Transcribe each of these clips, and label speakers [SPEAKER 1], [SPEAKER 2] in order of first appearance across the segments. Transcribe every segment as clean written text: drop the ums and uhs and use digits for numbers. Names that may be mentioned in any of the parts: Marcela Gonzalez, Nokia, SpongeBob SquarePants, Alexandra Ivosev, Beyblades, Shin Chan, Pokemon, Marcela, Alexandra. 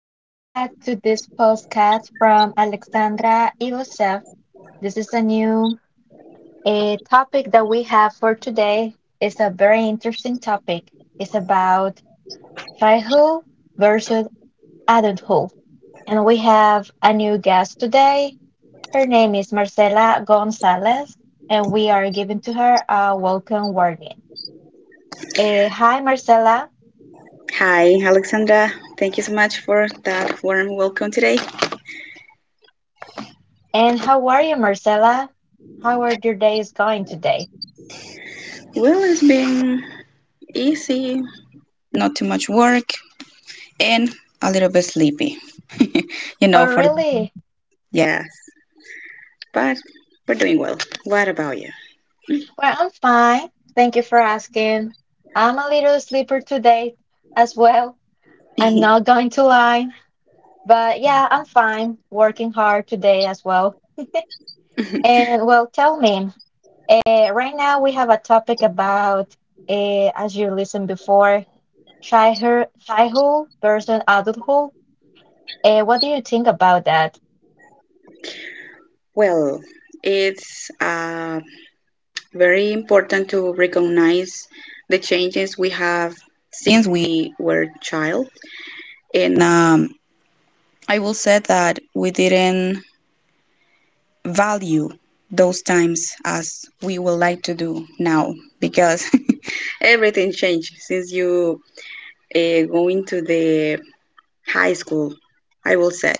[SPEAKER 1] welcome back to this podcast from Alexandra Ivosev. This is a new a topic that we have for today. It's a very interesting topic. It's about childhood versus adulthood. And we have a new guest today. Her name is Marcela Gonzalez, and we are giving to her a welcome warning. Hi, Marcela.
[SPEAKER 2] Hi, Alexandra. Thank you so much for that warm welcome today.
[SPEAKER 1] And how are you, Marcela? How are your days going today?
[SPEAKER 2] Well, it's been easy, not too much work, and a little bit sleepy.
[SPEAKER 1] Oh,
[SPEAKER 2] For
[SPEAKER 1] really?
[SPEAKER 2] yes, but we're doing well. What about
[SPEAKER 1] Well, I'm fine. Thank you for asking. I'm a little sleeper today as well. I'm
[SPEAKER 2] you?
[SPEAKER 1] not going to lie. But yeah, I'm fine. Working hard today as well. And well, tell me, right now we have a topic about, as you listened before, childhood versus adulthood. What do you think about that?
[SPEAKER 2] Well, it's very important to recognize the changes we have since we were child, and I will say that we didn't value those times as we would like to do now because everything changed since you going to the high school. I will say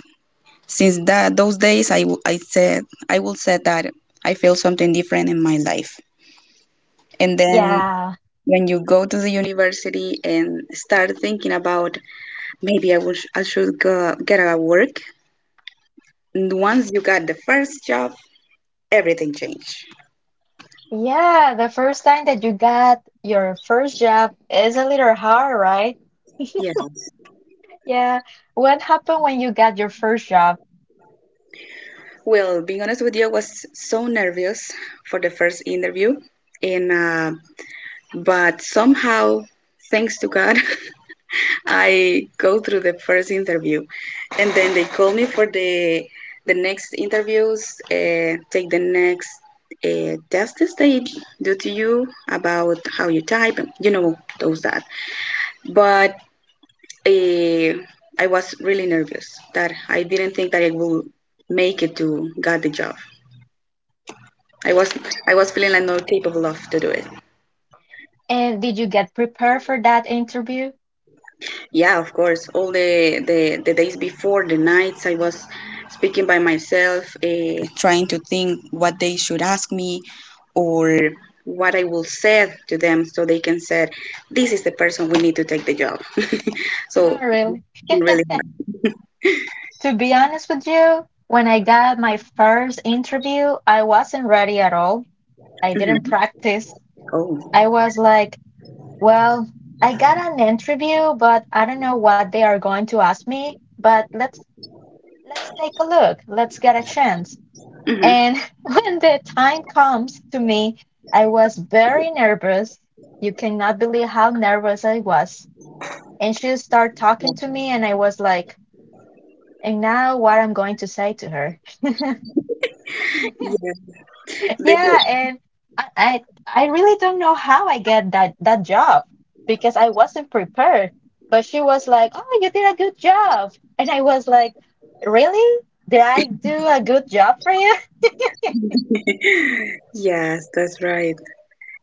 [SPEAKER 2] since that those days I said I will say that I feel something different in my life. And then
[SPEAKER 1] Yeah.
[SPEAKER 2] when you go to the university and start thinking about maybe wish I should go, get a work. And once you got the first job, everything changed,
[SPEAKER 1] Yeah, the first time that you got your first job is a little hard, right?
[SPEAKER 2] yes.
[SPEAKER 1] Yeah. What happened when you got your first job?
[SPEAKER 2] Well, being honest with you, I was so nervous for the first interview, and but somehow, thanks to God, I go through the first interview, and then they call me for the next interviews, take the next tests they do to you about how you type, those that. But uh, I was really nervous that I didn't think that I would make it to get the job. I was I was feeling like not capable of to do it.
[SPEAKER 1] And did you get prepared for that interview?
[SPEAKER 2] Yeah, of course. All the days before, the nights I was speaking by myself, trying to think what they should ask me or what I will say to them so they can say, this is the person we need to take the job. So
[SPEAKER 1] Really?
[SPEAKER 2] it really
[SPEAKER 1] To be honest with you, when I got my first interview, I wasn't ready at all. I didn't
[SPEAKER 2] hmm
[SPEAKER 1] practice. I
[SPEAKER 2] Oh.
[SPEAKER 1] was like, well, I got an interview, but I don't know what they are going to ask me. But let's take a look. Let's get a chance.
[SPEAKER 2] Hmm.
[SPEAKER 1] And when the time comes to me, I was very nervous. You cannot believe how nervous I was. And she started talking to me, and I was like, and now what I'm going to say to her.
[SPEAKER 2] Yeah. The,
[SPEAKER 1] Yeah, and I really don't know how I get that job because I wasn't prepared. But she was like, "Oh, you did a good job," and I was like, "Really? Did I do a good job for you?"
[SPEAKER 2] yes, that's right.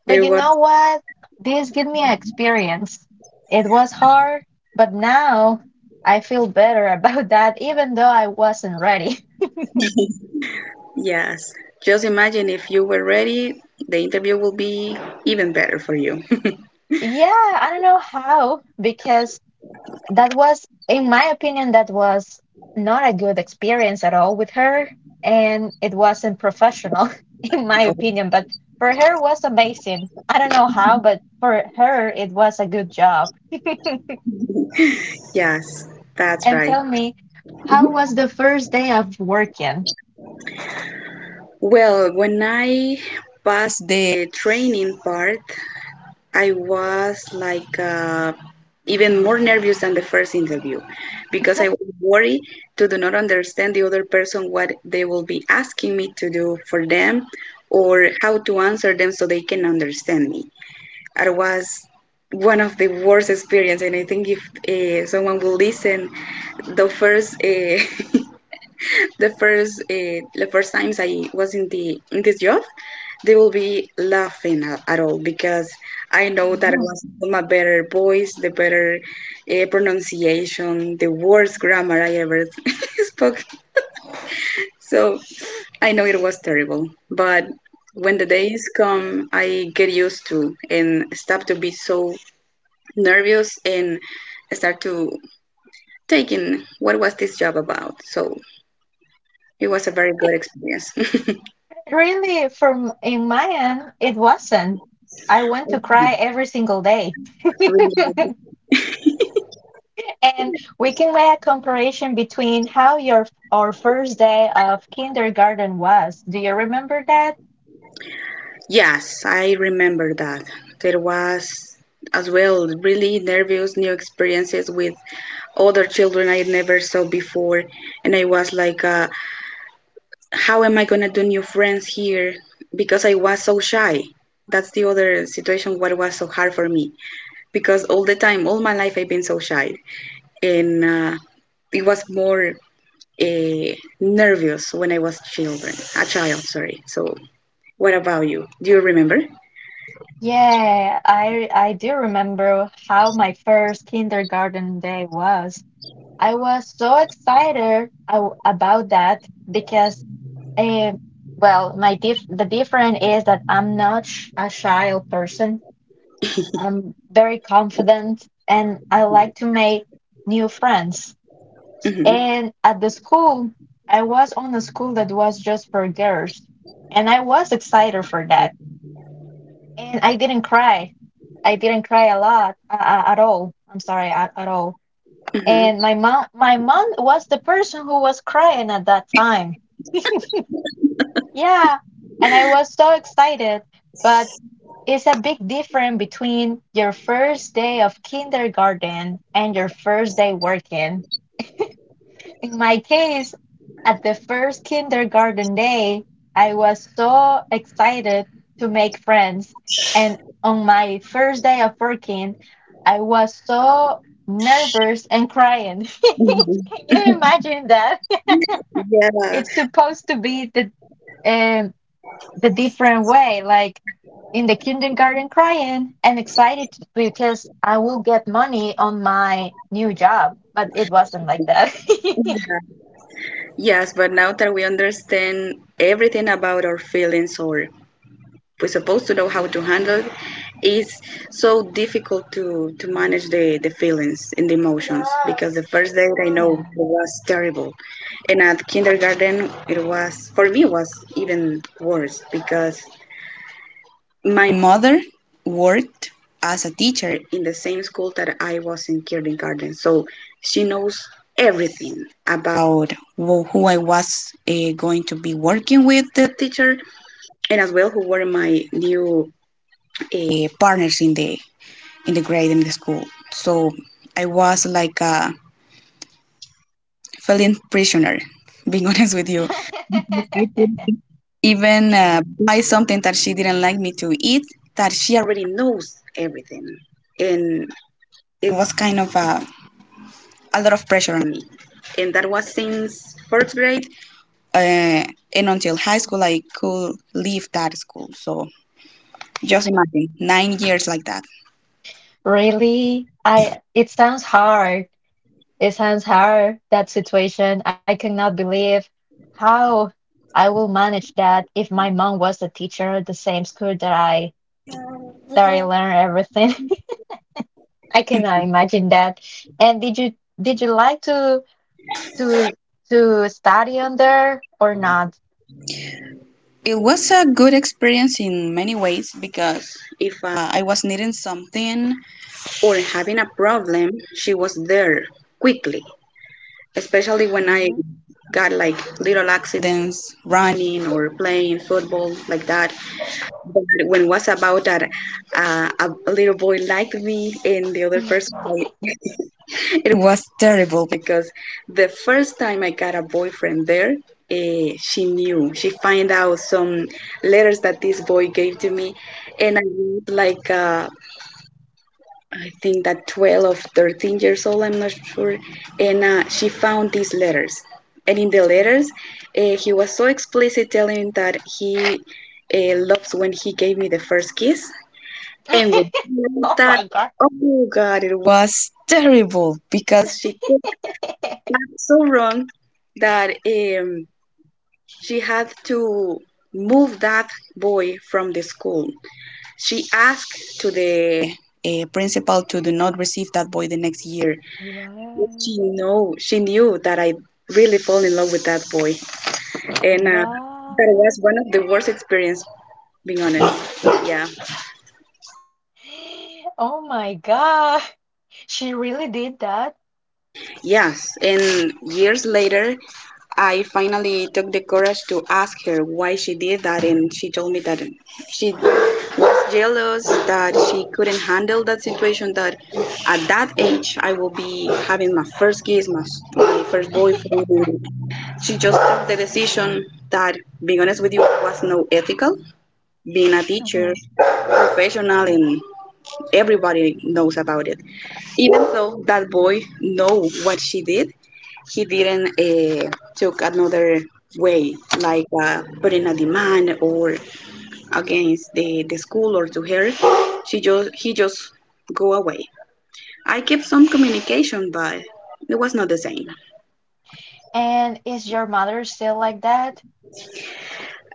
[SPEAKER 1] But
[SPEAKER 2] It
[SPEAKER 1] you
[SPEAKER 2] was.
[SPEAKER 1] know what? This gave me an experience. It was hard, but now I feel better about that, even though I wasn't ready.
[SPEAKER 2] Yes. Just imagine if you were ready, the interview will be even better for you.
[SPEAKER 1] Yeah, I don't know how, because that was, in my opinion, that was not a good experience at all with her, and it wasn't professional, in my
[SPEAKER 2] Oh,
[SPEAKER 1] opinion. But for her, it was amazing. I don't know how, but for her, it was a good job.
[SPEAKER 2] yes, that's
[SPEAKER 1] And
[SPEAKER 2] right.
[SPEAKER 1] tell me, how
[SPEAKER 2] Mhm.
[SPEAKER 1] was the first day of working?
[SPEAKER 2] Well, when I passed the training part, I was like even more nervous than the first interview because I was worried to do not understand the other person what they will be asking me to do for them or how to answer them so they can understand me. It was one of the worst experience, and I think if someone will listen, the first the first times I was in this job, they will be laughing at all because I know that I
[SPEAKER 1] Mhm.
[SPEAKER 2] was my better voice, the better pronunciation, the worst grammar I ever spoke. So I know it was terrible, but when the days come, I get used to and stop to be so nervous and start to taking what was this job about. So it was a very good experience.
[SPEAKER 1] Really, from in my end, it wasn't. I want to cry every single day.
[SPEAKER 2] Really.
[SPEAKER 1] And we can make a comparison between how your our first day of kindergarten was. Do you remember that?
[SPEAKER 2] Yes, I remember that. There was as well really nervous new experiences with other children I never saw before, and I was like how am I going to do new friends here because I was so shy. That's the other situation what was so hard for me because all the time all my life I've been so shy, and it was more uh, nervous when I was children, a child. Sorry. So, what about you? Do you remember?
[SPEAKER 1] Yeah, I do remember how my first kindergarten day was. I was so excited about that because Eh, well, my diff the difference is that I'm not sh a shy person. I'm very confident and I like to make new friends.
[SPEAKER 2] Hmm,
[SPEAKER 1] And at the school, I was on a school that was just for girls, and I was excited for that. And I didn't cry. I didn't cry a lot at all. I'm sorry, at all.
[SPEAKER 2] hmm,
[SPEAKER 1] And my mom was the person who was crying at that time. Yeah, and I was so excited, but it's a big difference between your first day of kindergarten and your first day working. In my case, at the first kindergarten day, I was so excited to make friends. And on my first day of working, I was so nervous and crying. Can you imagine that?
[SPEAKER 2] yeah.
[SPEAKER 1] It's supposed to be um, the different way, like in the kindergarten crying and excited because I will get money on my new job. But it wasn't like that.
[SPEAKER 2] Yes, but now that we understand everything about our feelings, or we're supposed to know how to handle, it's so difficult to manage the feelings and the emotions because the first date, I know it
[SPEAKER 1] Yeah.
[SPEAKER 2] was terrible, and at kindergarten it was for me was even worse because my mother worked as a teacher in the same school that I was in kindergarten, so she knows everything about who I was going to be working with the teacher, and as well who were my new partners in the grade in the school. So I was like a feeling prisoner, being honest with you. Even buy something that she didn't like me to eat, that she already knows everything, and it was kind of a lot of pressure on me. And that was since first grade. Uh, and until high school, I could leave that school. So just imagine 9 years like that.
[SPEAKER 1] Really? I It sounds hard. It sounds hard, that situation. I cannot believe how I will manage that if my mom was a teacher at the same school that I learned everything. I cannot imagine that. And did you like to to to study under or not?
[SPEAKER 2] It was a good experience in many ways because if I was needing something or having a problem, she was there quickly, especially when I
[SPEAKER 3] Mhm.
[SPEAKER 2] got like little accidents running or playing football like that. But when was about that, a little boy liked me and the other person, like, it was terrible because the first time I got a boyfriend there, she knew. She find out some letters that this boy gave to me, and I was like, I think that 12 or 13 years old, I'm not sure. And she found these letters. And in the letters, he was so explicit telling that he loves when he gave me the first kiss and we heard
[SPEAKER 3] Oh
[SPEAKER 2] that,
[SPEAKER 3] my God.
[SPEAKER 2] oh God, it was terrible because she did it so wrong that she had to move that boy from the school. She asked to the principal to do not receive that boy the next year. She
[SPEAKER 3] What?
[SPEAKER 2] know she knew that I really fall in love with that boy, and that was
[SPEAKER 3] What?
[SPEAKER 2] one of the worst experience, being honest. Yeah.
[SPEAKER 3] Oh my God. She really did that?
[SPEAKER 2] Yes, and years later, I finally took the courage to ask her why she did that, and she told me that she was jealous that she couldn't handle that situation. That at that age, I will be having my first kiss, my first boyfriend, and she just took the decision that, being honest with you, was no ethical. Being a teacher,
[SPEAKER 3] Mhm.
[SPEAKER 2] professional, and everybody knows about it. Even though that boy know what she did, he didn't took another way, like putting a demand or against the school or to her. She just he just go away. I kept some communication, but it was not the same.
[SPEAKER 3] And is your mother still like that?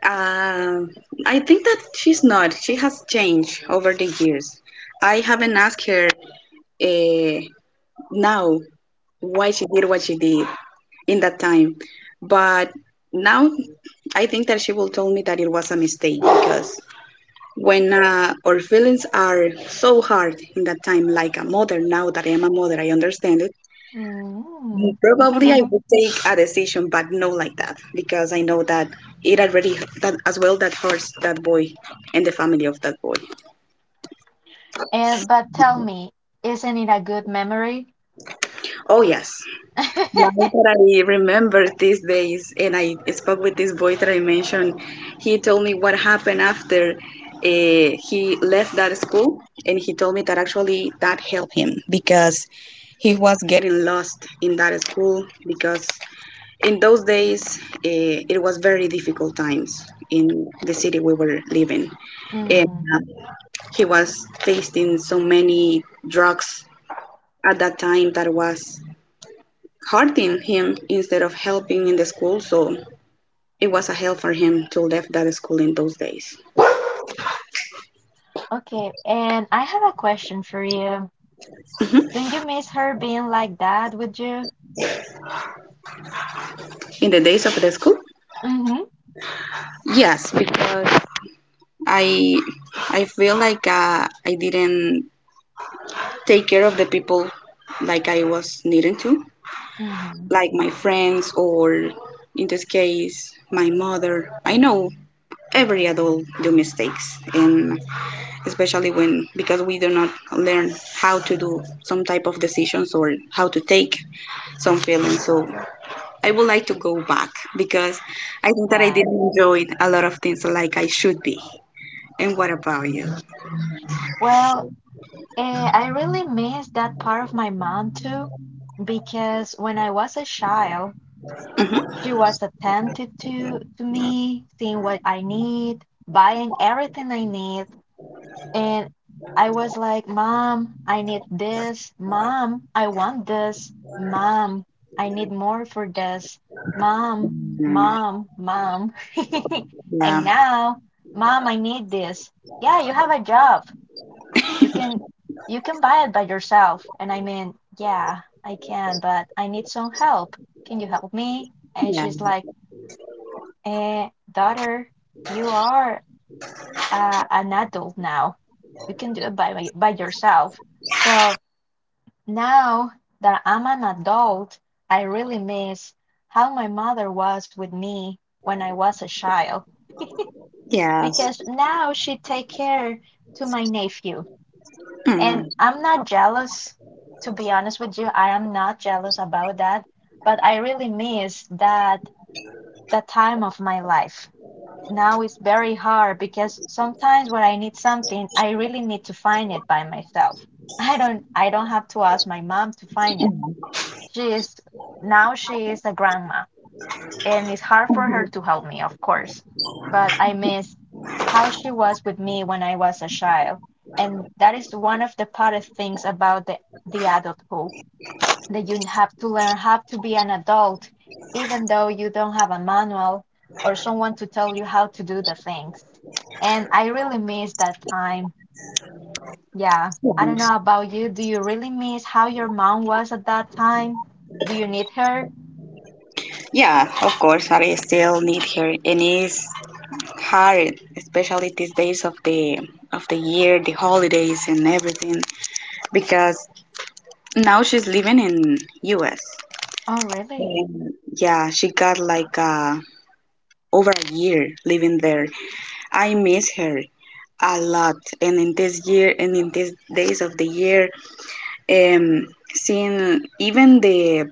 [SPEAKER 2] Uh, I think that she's not. She has changed over the years. I haven't asked her uh, now why she did what she did in that time. But now I think that she will tell me that it was a mistake because when our feelings are so hard in that time, like a mother, now that I am a mother, I understand it.
[SPEAKER 3] Mm.
[SPEAKER 2] Probably I would take a decision, but no like that because I know that it already that as well that hurts that boy and the family of that boy.
[SPEAKER 3] And but tell me, isn't it a good memory?
[SPEAKER 2] Oh, yes. Now that I remember these days, and I spoke with this boy that I mentioned, he told me what happened after he left that school, and he told me that actually that helped him because he was getting lost in that school because in those days it was very difficult times in the city we were living, and
[SPEAKER 3] hmm
[SPEAKER 2] he was facing so many drugs at that time that was hurting him instead of helping in the school. So it was a help for him to leave that school in those days.
[SPEAKER 3] Okay, and I have a question for you. Don't you miss her being like that with you?
[SPEAKER 2] In the days of the school,
[SPEAKER 3] Mm-hmm.
[SPEAKER 2] yes, because I I feel like I didn't take care of the people like I was needing to,
[SPEAKER 3] Mm-hmm.
[SPEAKER 2] like my friends or in this case my mother. I know every adult do mistakes and especially when because we do not learn how to do some type of decisions or how to take some feelings, so I would like to go back because I think that I
[SPEAKER 3] Yeah.
[SPEAKER 2] didn't enjoy a lot of things like I should be. And what about you?
[SPEAKER 3] Well, I really miss that part of my mom too, because when I was a child,
[SPEAKER 2] Mhm.
[SPEAKER 3] she was attentive to me, seeing what I need, buying everything I need, and I was like, "Mom, I need this. Mom, I want this. Mom, I need more for this. Mom, mom." And
[SPEAKER 2] Yeah,
[SPEAKER 3] now, "Mom, I need this." "Yeah, you have a job. You can you can buy it by yourself." "And I mean, yeah, I can, but I need some help. Can you help me?" And
[SPEAKER 2] yeah,
[SPEAKER 3] she's like, "Daughter, you are an adult now. You can do it by yourself. So now that I'm an adult, I really miss how my mother was with me when I was a child,
[SPEAKER 2] yes.
[SPEAKER 3] because now she take care to my nephew. And
[SPEAKER 2] Mm,
[SPEAKER 3] I'm not jealous, to be honest with you. I am not jealous about that, but I really miss that time of my life. Now it's very hard because sometimes when I need something, I really need to find it by myself. I don't have to ask my mom to find it. She is she is a grandma, and it's hard for her to help me, of course. But I miss how she was with me when I was a child, and that is one of the hardest things about the adulthood, that you have to learn how to be an adult, even though you don't have a manual or someone to tell you how to do the things. And I really miss that time. Yeah. I don't
[SPEAKER 2] yes.
[SPEAKER 3] know about you. Do you really miss how your mom was at that time? Do you need her?
[SPEAKER 2] Yeah, of course, I still need her, and it's hard, especially these days of the year, the holidays and everything, because now she's living in US.
[SPEAKER 3] Oh, really?
[SPEAKER 2] And yeah, she got like over a year living there. I miss her a lot. And in this year and in these days of the year, um, seeing even the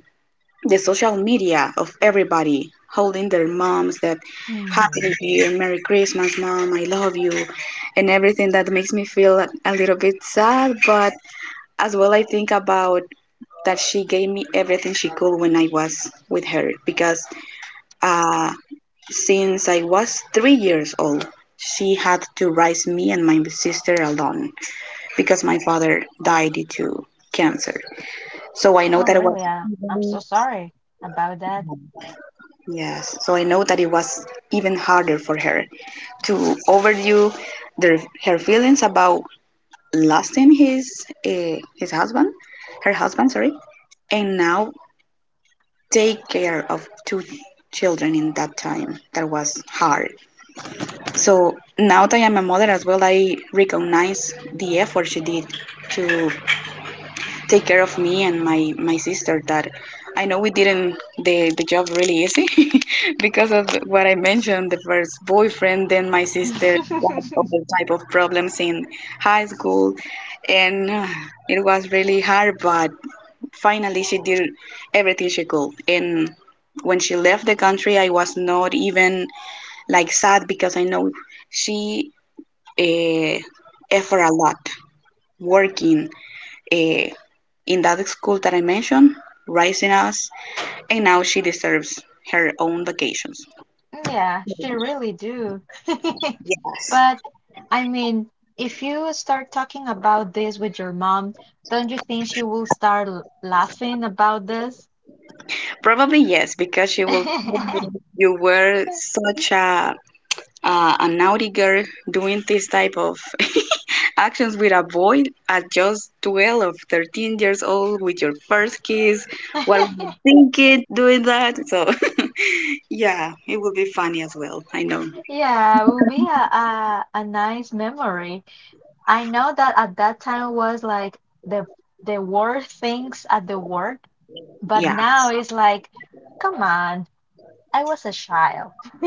[SPEAKER 2] the social media of everybody holding their moms that happy new
[SPEAKER 3] hmm
[SPEAKER 2] year, Merry Christmas, mom, I love you, and everything that makes me feel a little bit sad. But as well, I think about that she gave me everything she could when I was with her because uh, since I was 3 years old, she had to raise me and my sister alone because my father died due to cancer. So I know
[SPEAKER 3] Oh,
[SPEAKER 2] that it was
[SPEAKER 3] really? I'm so sorry about that.
[SPEAKER 2] yes. So I know that it was even harder for her to overdo their, her feelings about losing his husband, her husband, sorry. And now take care of two children in that time. That was hard. So now that I'm a mother as well, I recognize the effort she did to take care of me and my sister that I know we didn't the job really easy because of what I mentioned, the first boyfriend. Then my sister got other type of problems in high school and it was really hard, but finally, she did everything she could. And when she left the country, I was not even like sad because I know she uh, effort a lot working uh, in that school that I mentioned, raising us, and now she deserves her own vacations.
[SPEAKER 3] Yeah, she really do.
[SPEAKER 2] Yes,
[SPEAKER 3] But I mean, if you start talking about this with your mom, don't you think she will start laughing about this?
[SPEAKER 2] probably yes, because she will tell me, you were such a naughty girl doing this type of actions with a boy at just 12 or 13 years old with your first kiss. What were you thinking doing that? So yeah, it will be funny as well. I know.
[SPEAKER 3] Yeah, it will be a nice memory. I know that at that time was like the the worst things at the work, but
[SPEAKER 2] Yeah.
[SPEAKER 3] now it's like, come on. I was a child.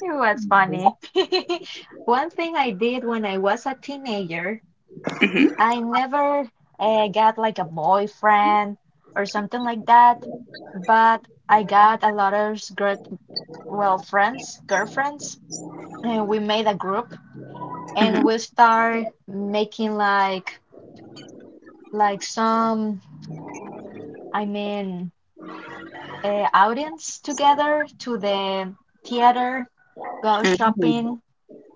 [SPEAKER 3] It was funny. One thing I did when I was a teenager,
[SPEAKER 2] hmm
[SPEAKER 3] I never got like a boyfriend or something like that, but I got a lot of great, well, friends, girlfriends, and we made a group and
[SPEAKER 2] hmm
[SPEAKER 3] we start making like some, I mean, outings together, to the theater, go
[SPEAKER 2] hmm
[SPEAKER 3] shopping,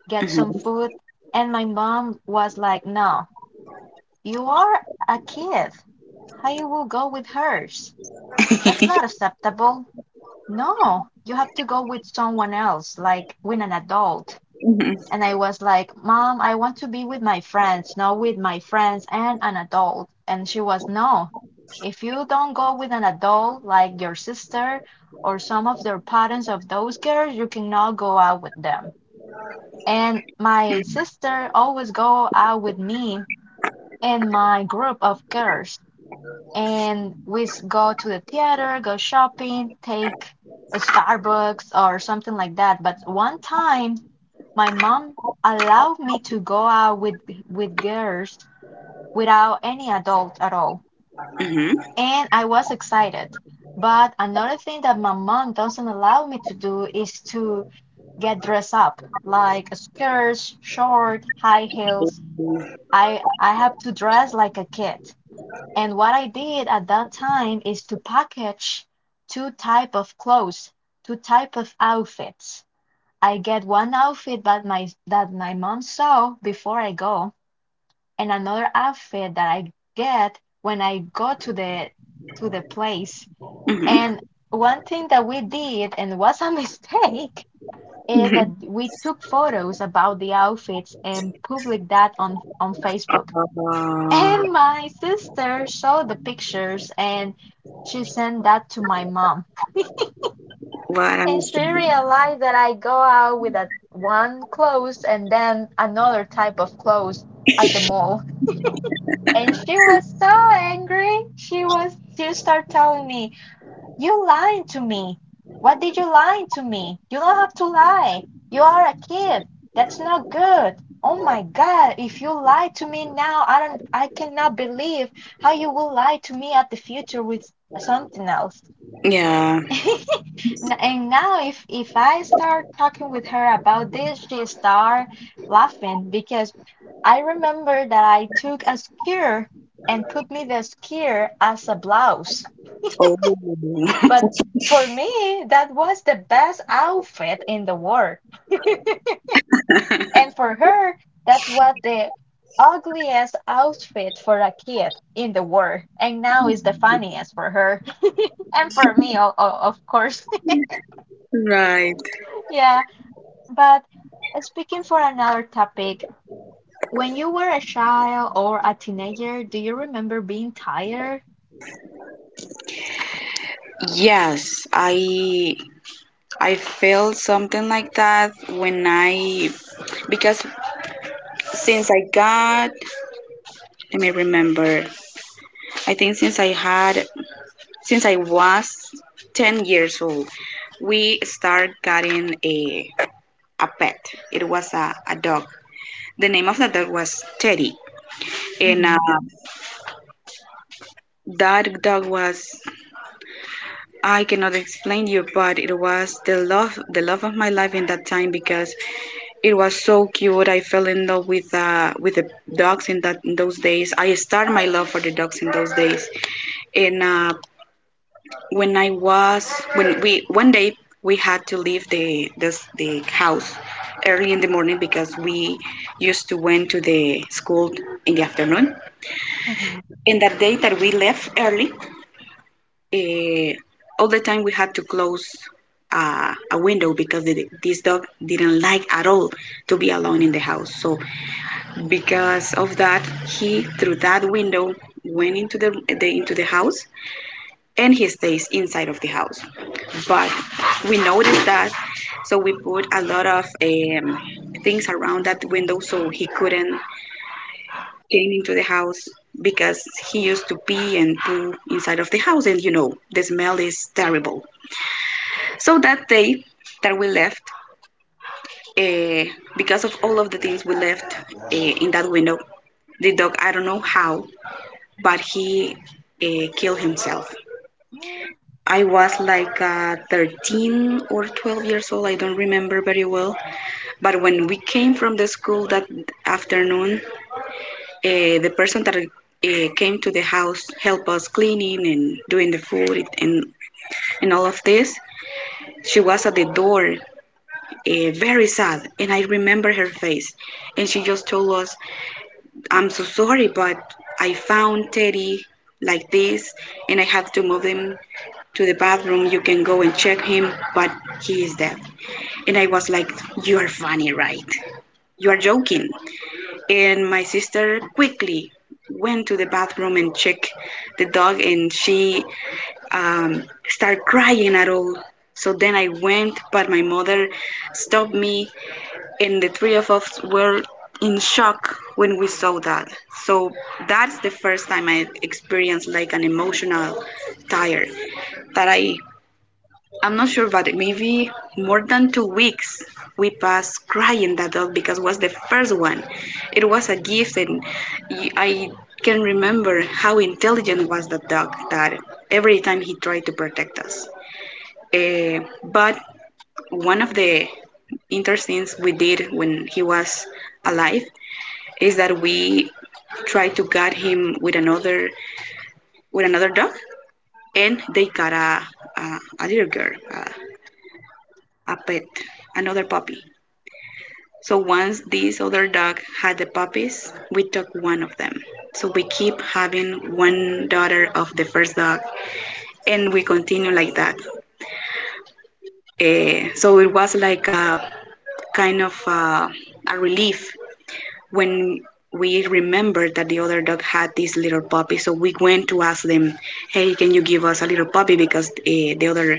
[SPEAKER 3] get some
[SPEAKER 2] hmm
[SPEAKER 3] food. And my mom was like, "No, you are a kid. I will go with hers. That's not acceptable. No, you have to go with someone else, like with an adult." And I was like, "Mom, I want to be with my friends, not with my friends and an adult." And she was, "No, if you don't go with an adult, like your sister or some of their parents of those girls, you cannot go out with them." And my sister always go out with me and my group of girls, and we go to the theater, go shopping, take a Starbucks or something like that. But one time, my mom allowed me to go out with girls without any adult at all,
[SPEAKER 2] hmm
[SPEAKER 3] and I was excited. But another thing that my mom doesn't allow me to do is to get dressed up, like a skirt, short, high heels. I have to dress like a kid. And what I did at that time is to package two type of clothes, two type of outfits. I get one outfit that my mom saw before I go, and another outfit that I get when I go to the place.
[SPEAKER 2] hmm
[SPEAKER 3] And one thing that we did and was a mistake is
[SPEAKER 2] hmm
[SPEAKER 3] that we took photos about the outfits and published that on Facebook.
[SPEAKER 2] uh,
[SPEAKER 3] And my sister saw the pictures and she sent that to my mom.
[SPEAKER 2] what I'm
[SPEAKER 3] And she
[SPEAKER 2] saying.
[SPEAKER 3] realized that I go out with a one clothes and then another type of clothes at the mall. And she was so angry. She started telling me, "You lying to me. What did you lie to me? You don't have to lie. You are a kid. That's not good. Oh my God, if you lie to me now, I don't, I cannot believe how you will lie to me at the future with something else."
[SPEAKER 2] Yeah.
[SPEAKER 3] And now, if I start talking with her about this, she start laughing because I remember that I took a skirt and put me the skirt as a blouse.
[SPEAKER 2] Oh.
[SPEAKER 3] But for me, that was the best outfit in the world. And for her, that's what the ugliest outfit for a kid in the world. And now is the funniest for her. And for me, of course.
[SPEAKER 2] Right.
[SPEAKER 3] Yeah. But speaking for another topic, when you were a child or a teenager, do you remember being tired?
[SPEAKER 2] Yes, I felt something like that when I, because since I got, let me remember, I think since I had, since I was 10 years old, we start getting a pet. It was a dog. The name of that dog was Teddy. And
[SPEAKER 3] Mm-hmm.
[SPEAKER 2] that dog was, I cannot explain you, but it was the love of my life in that time because it was so cute. I fell in love with the dogs in that in those days. I started my love for the dogs in those days. And when I was when we one day we had to leave the house early in the morning because we used to went to the school in the afternoon. And that day that we left early, uh, all the time we had to close a window because this dog didn't like at all to be alone in the house. So because of that, he through that window went into the into the house and he stays inside of the house. But we noticed that, so we put a lot of things around that window so he couldn't came into the house because he used to pee and poo inside of the house, and you know the smell is terrible. So that day that we left, uh, because of all of the things we left in that window, the dog, I don't know how, but he killed himself.
[SPEAKER 3] Mm-hmm.
[SPEAKER 2] I was like 13 or 12 years old, I don't remember very well. But when we came from the school that afternoon, uh, the person that came to the house helped us cleaning and doing the food and all of this, she was at the door, very sad, and I remember her face. And she just told us, I'm so sorry, but I found Teddy like this and I have to move him to the bathroom. You can go and check him, but he is dead. And I was like, you are funny, right? You are joking. And my sister quickly went to the bathroom and checked the dog and she started crying at all. So then I went, but my mother stopped me, and the three of us were in shock when we saw that. So that's the first time I experienced like an emotional tire that I'm not sure, but maybe more than 2 weeks we passed crying that dog because it was the first one. It was a gift, and I can remember how intelligent was that dog, that every time he tried to protect us. Eh, but one of the interesting things we did when he was alive is that we tried to guard him with another dog, and they got a little girl, a pet, another puppy. So once this other dog had the puppies, we took one of them. So we keep having one daughter of the first dog, and we continue like that. Eh, so it was like a kind of a relief when we remembered that the other dog had this little puppy. So we went to ask them, hey, can you give us a little puppy because the other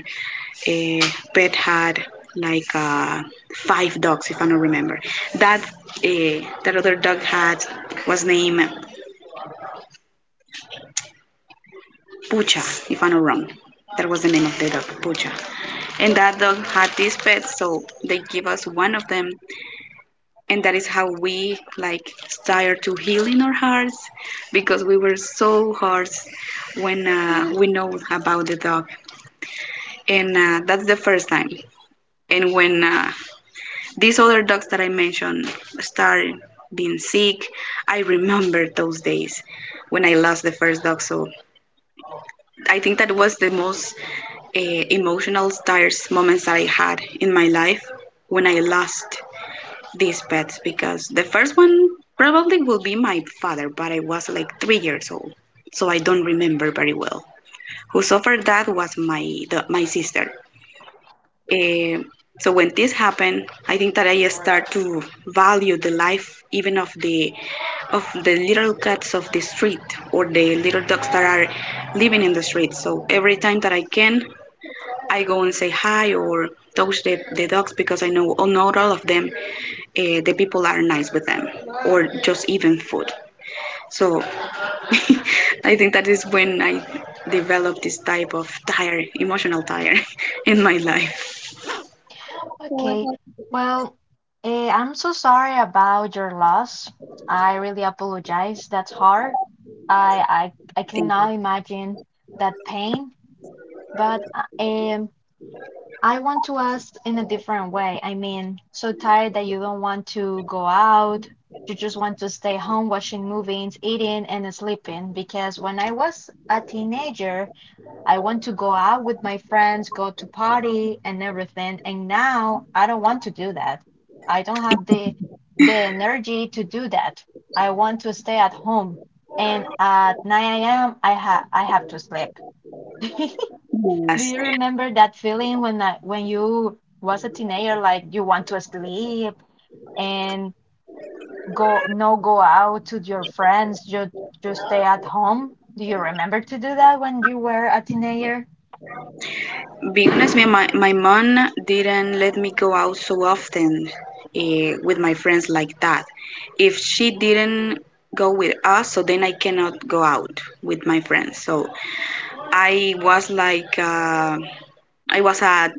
[SPEAKER 2] uh, pet had like five dogs. If I don't remember that other dog had, was named Pucha, if I'm not wrong, that was the name of the dog, Pucha. And that dog had these pets, so they give us one of them, and that is how we like start to heal in our hearts, because we were so hard when we know about the dog. And that's the first time, and when these other dogs that I mentioned start being sick, I remember those days when I lost the first dog. So I think that was the most uh, emotional stars moments that I had in my life when I lost these pets, because the first one probably will be my father, but I was like 3 years old, so I don't remember very well. Who suffered that was my sister. Eh, so when this happened, I think that I start to value the life even of the little cats of the street or the little dogs that are living in the street. So every time that I can, I go and say hi or touch the dogs, because I know all not all of them the people are nice with them or just even food. So I think that is when I developed this type of tire, emotional tire. In my life.
[SPEAKER 3] Okay. Well, I'm so sorry about your loss. I really apologize. That's hard. I
[SPEAKER 2] Thank
[SPEAKER 3] cannot imagine that pain, but I want to ask in a different way. I mean, so tired that you don't want to go out. You just want to stay home watching movies, eating, and sleeping. Because when I was a teenager, I want to go out with my friends, go to party and everything. And now I don't want to do that. I don't have the energy to do that. I want to stay at home. And at 9 a.m. I have to sleep. Do
[SPEAKER 2] you. Yes,
[SPEAKER 3] you remember that feeling when you was a teenager, like you want to sleep and go no go out to your friends, you just stay at home? Do you remember to do that when you were a teenager?
[SPEAKER 2] be honest, me, my mom didn't let me go out so often with my friends like that. If she didn't go with us, so then I cannot go out with my friends. So I was like I was a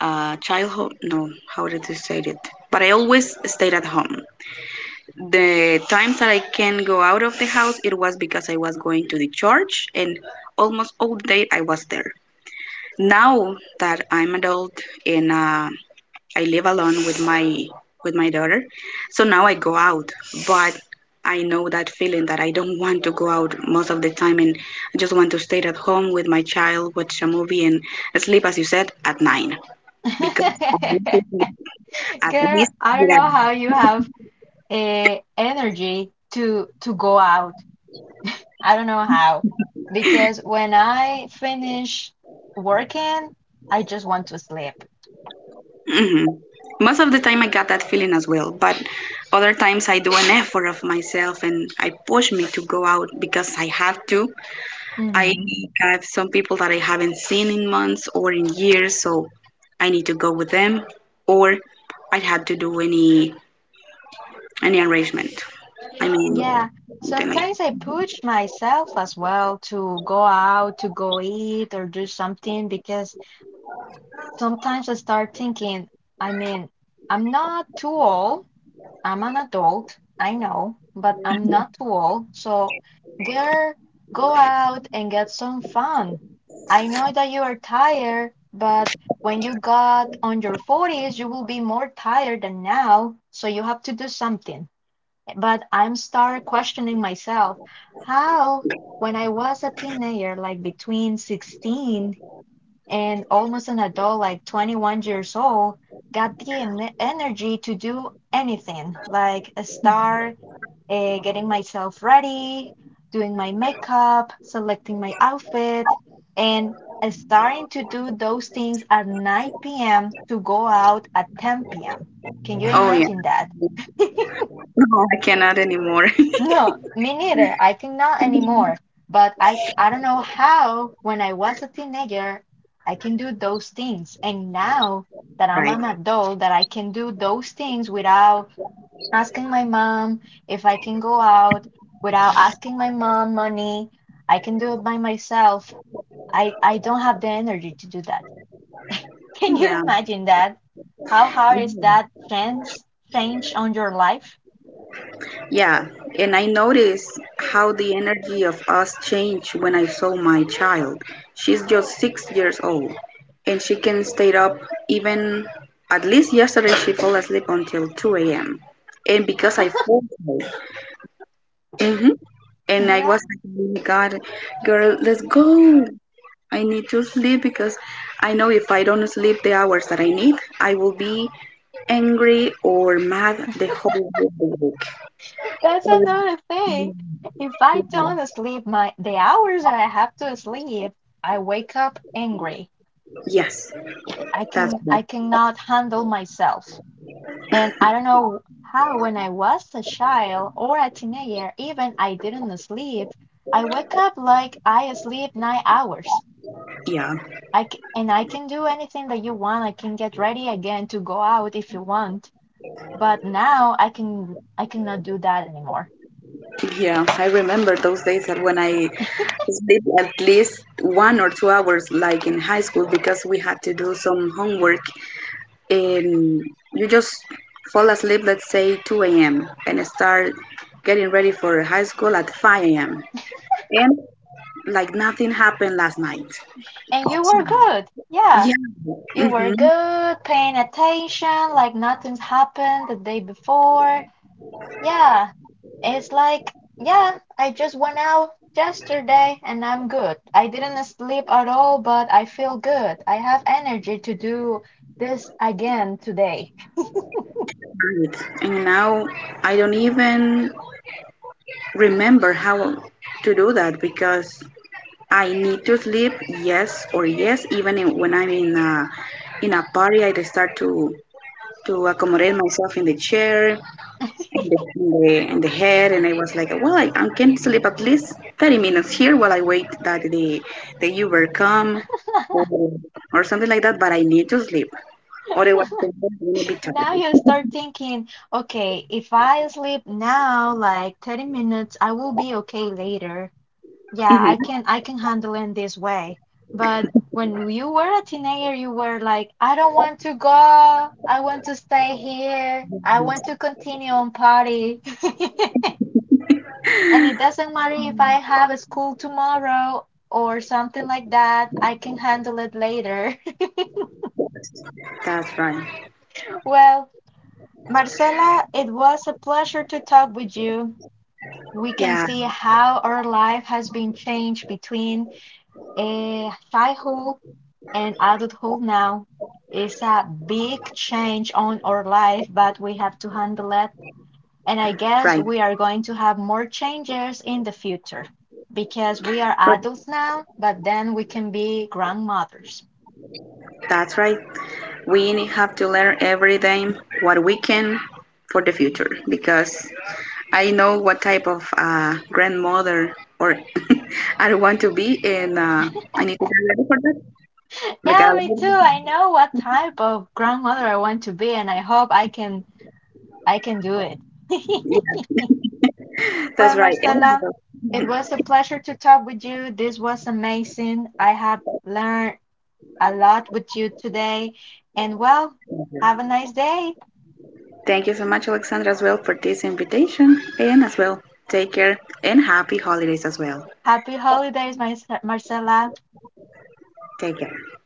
[SPEAKER 2] childhood. No, how did you say it? But I always stayed at home. The times that I can go out of the house, it was because I was going to the church, and almost all day I was there. Now that I'm adult and I live alone with my daughter, so now I go out. But I know that feeling that I don't want to go out most of the time, and I just want to stay at home with my child, watch a movie, and sleep, as you said, at nine because I want to sleep at
[SPEAKER 3] Girl,
[SPEAKER 2] least,
[SPEAKER 3] I don't know how
[SPEAKER 2] yeah.
[SPEAKER 3] you have energy to go out. I don't know how. Because when I finish working, I just want to sleep.
[SPEAKER 2] Hmm. Most of the time, I got that feeling as well. But other times, I do an effort of myself and I push me to go out because I have to. I
[SPEAKER 3] hmm
[SPEAKER 2] have some people that I haven't seen in months or in years, so I need to go with them, or I had to do any arrangement. I mean,
[SPEAKER 3] Yeah.
[SPEAKER 2] something like,
[SPEAKER 3] Sometimes I push myself as well to go out, to go eat or do something, because sometimes I start thinking, I mean, I'm not too old. I'm an adult, I know, but I'm not too old, so girl, go out and get some fun. I know that you are tired, but when you got on your forties, you will be more tired than now, so you have to do something. But I'm start questioning myself, how when I was a teenager, like between 16 and almost an adult, like 21 years old, got the energy to do anything, like a start getting myself ready, doing my makeup, selecting my outfit, and starting to do those things at 9 p.m. to go out at 10 p.m. Can you
[SPEAKER 2] oh yeah,
[SPEAKER 3] imagine that?
[SPEAKER 2] no, I cannot anymore.
[SPEAKER 3] No, me neither. I think not anymore. But I don't know how, when I was a teenager, I can do those things. And now that I'm
[SPEAKER 2] Right.
[SPEAKER 3] an adult, that I can do those things without asking my mom if I can go out, without asking my mom money. I can do it by myself. I don't have the energy to do that. Can you
[SPEAKER 2] Yeah.
[SPEAKER 3] imagine that? How hard is that change on your life?
[SPEAKER 2] Yeah, and I noticed how the energy of us changed when I saw my child. She's just 6 years old, and she can stay up even at least yesterday she fell asleep until 2 a.m. And because I forced her, hmm, and I
[SPEAKER 3] Yeah.
[SPEAKER 2] was like, oh my God, girl, let's go. I need to sleep because I know if I don't sleep the hours that I need, I will be angry or mad the whole week.
[SPEAKER 3] That's another thing. If I don't sleep my the hours that I have to sleep, I wake up angry.
[SPEAKER 2] Yes. That's right.
[SPEAKER 3] I cannot handle myself. And I don't know how when I was a child or a teenager, even I didn't sleep, I wake up like I sleep 9 hours.
[SPEAKER 2] Yeah.
[SPEAKER 3] I c and I can do anything that you want. I can get ready again to go out if you want. But now I cannot do that anymore.
[SPEAKER 2] Yeah. I remember those days that when I sleep at least 1 or 2 hours, like in high school, because we had to do some homework. And you just fall asleep, let's say 2 a.m., and start getting ready for high school at 5 a.m. And like nothing happened last night.
[SPEAKER 3] And you were good. Yeah.
[SPEAKER 2] Yeah.
[SPEAKER 3] You were
[SPEAKER 2] Mm-hmm.
[SPEAKER 3] good, paying attention like nothing happened the day before. Yeah, it's like, yeah, I just went out yesterday and I'm good. I didn't sleep at all, but I feel good. I have energy to do this again today.
[SPEAKER 2] Right. And now I don't even remember how to do that because I need to sleep, yes or yes. Even when I'm in a party, I start to accommodate myself in the chair, in the head, and I was like, well, I can sleep at least 30 minutes here while I wait that the Uber come, or, or something like that. But I need to sleep, otherwise I'm gonna be
[SPEAKER 3] Now you
[SPEAKER 2] tired.
[SPEAKER 3] start thinking, okay, if I sleep now, like 30 minutes, I will be okay later. Yeah,
[SPEAKER 2] Mhm.
[SPEAKER 3] I can handle in this way. But when you were a teenager, you were like, I don't want to go. I want to stay here. I want to continue on party. And it doesn't matter if I have a school tomorrow or something like that. I can handle it later.
[SPEAKER 2] That's right.
[SPEAKER 3] Well, Marcela, it was a pleasure to talk with you. We can
[SPEAKER 2] Yeah,
[SPEAKER 3] see how our life has been changed between a childhood and adulthood. Now is a big change on our life, but we have to handle it. And I guess
[SPEAKER 2] right.
[SPEAKER 3] we are going to have more changes in the future because we are
[SPEAKER 2] Good.
[SPEAKER 3] adults now, but then we can be grandmothers.
[SPEAKER 2] That's right. We have to learn every day what we can for the future, because I know what type of grandmother or I want to be, and I need to get ready for that. We gotta,
[SPEAKER 3] Yeah, me too. I know what type of grandmother I want to be, and I hope I can do it.
[SPEAKER 2] yeah, that's
[SPEAKER 3] Well,
[SPEAKER 2] right.
[SPEAKER 3] Marcela,
[SPEAKER 2] And,
[SPEAKER 3] it was a pleasure to talk with you. This was amazing. I have learned a lot with you today. And well, have a nice day.
[SPEAKER 2] thank you so much, Alexandra, as well, for this invitation, and as well, take care and happy holidays as well.
[SPEAKER 3] Happy holidays, Marcela.
[SPEAKER 2] Take care.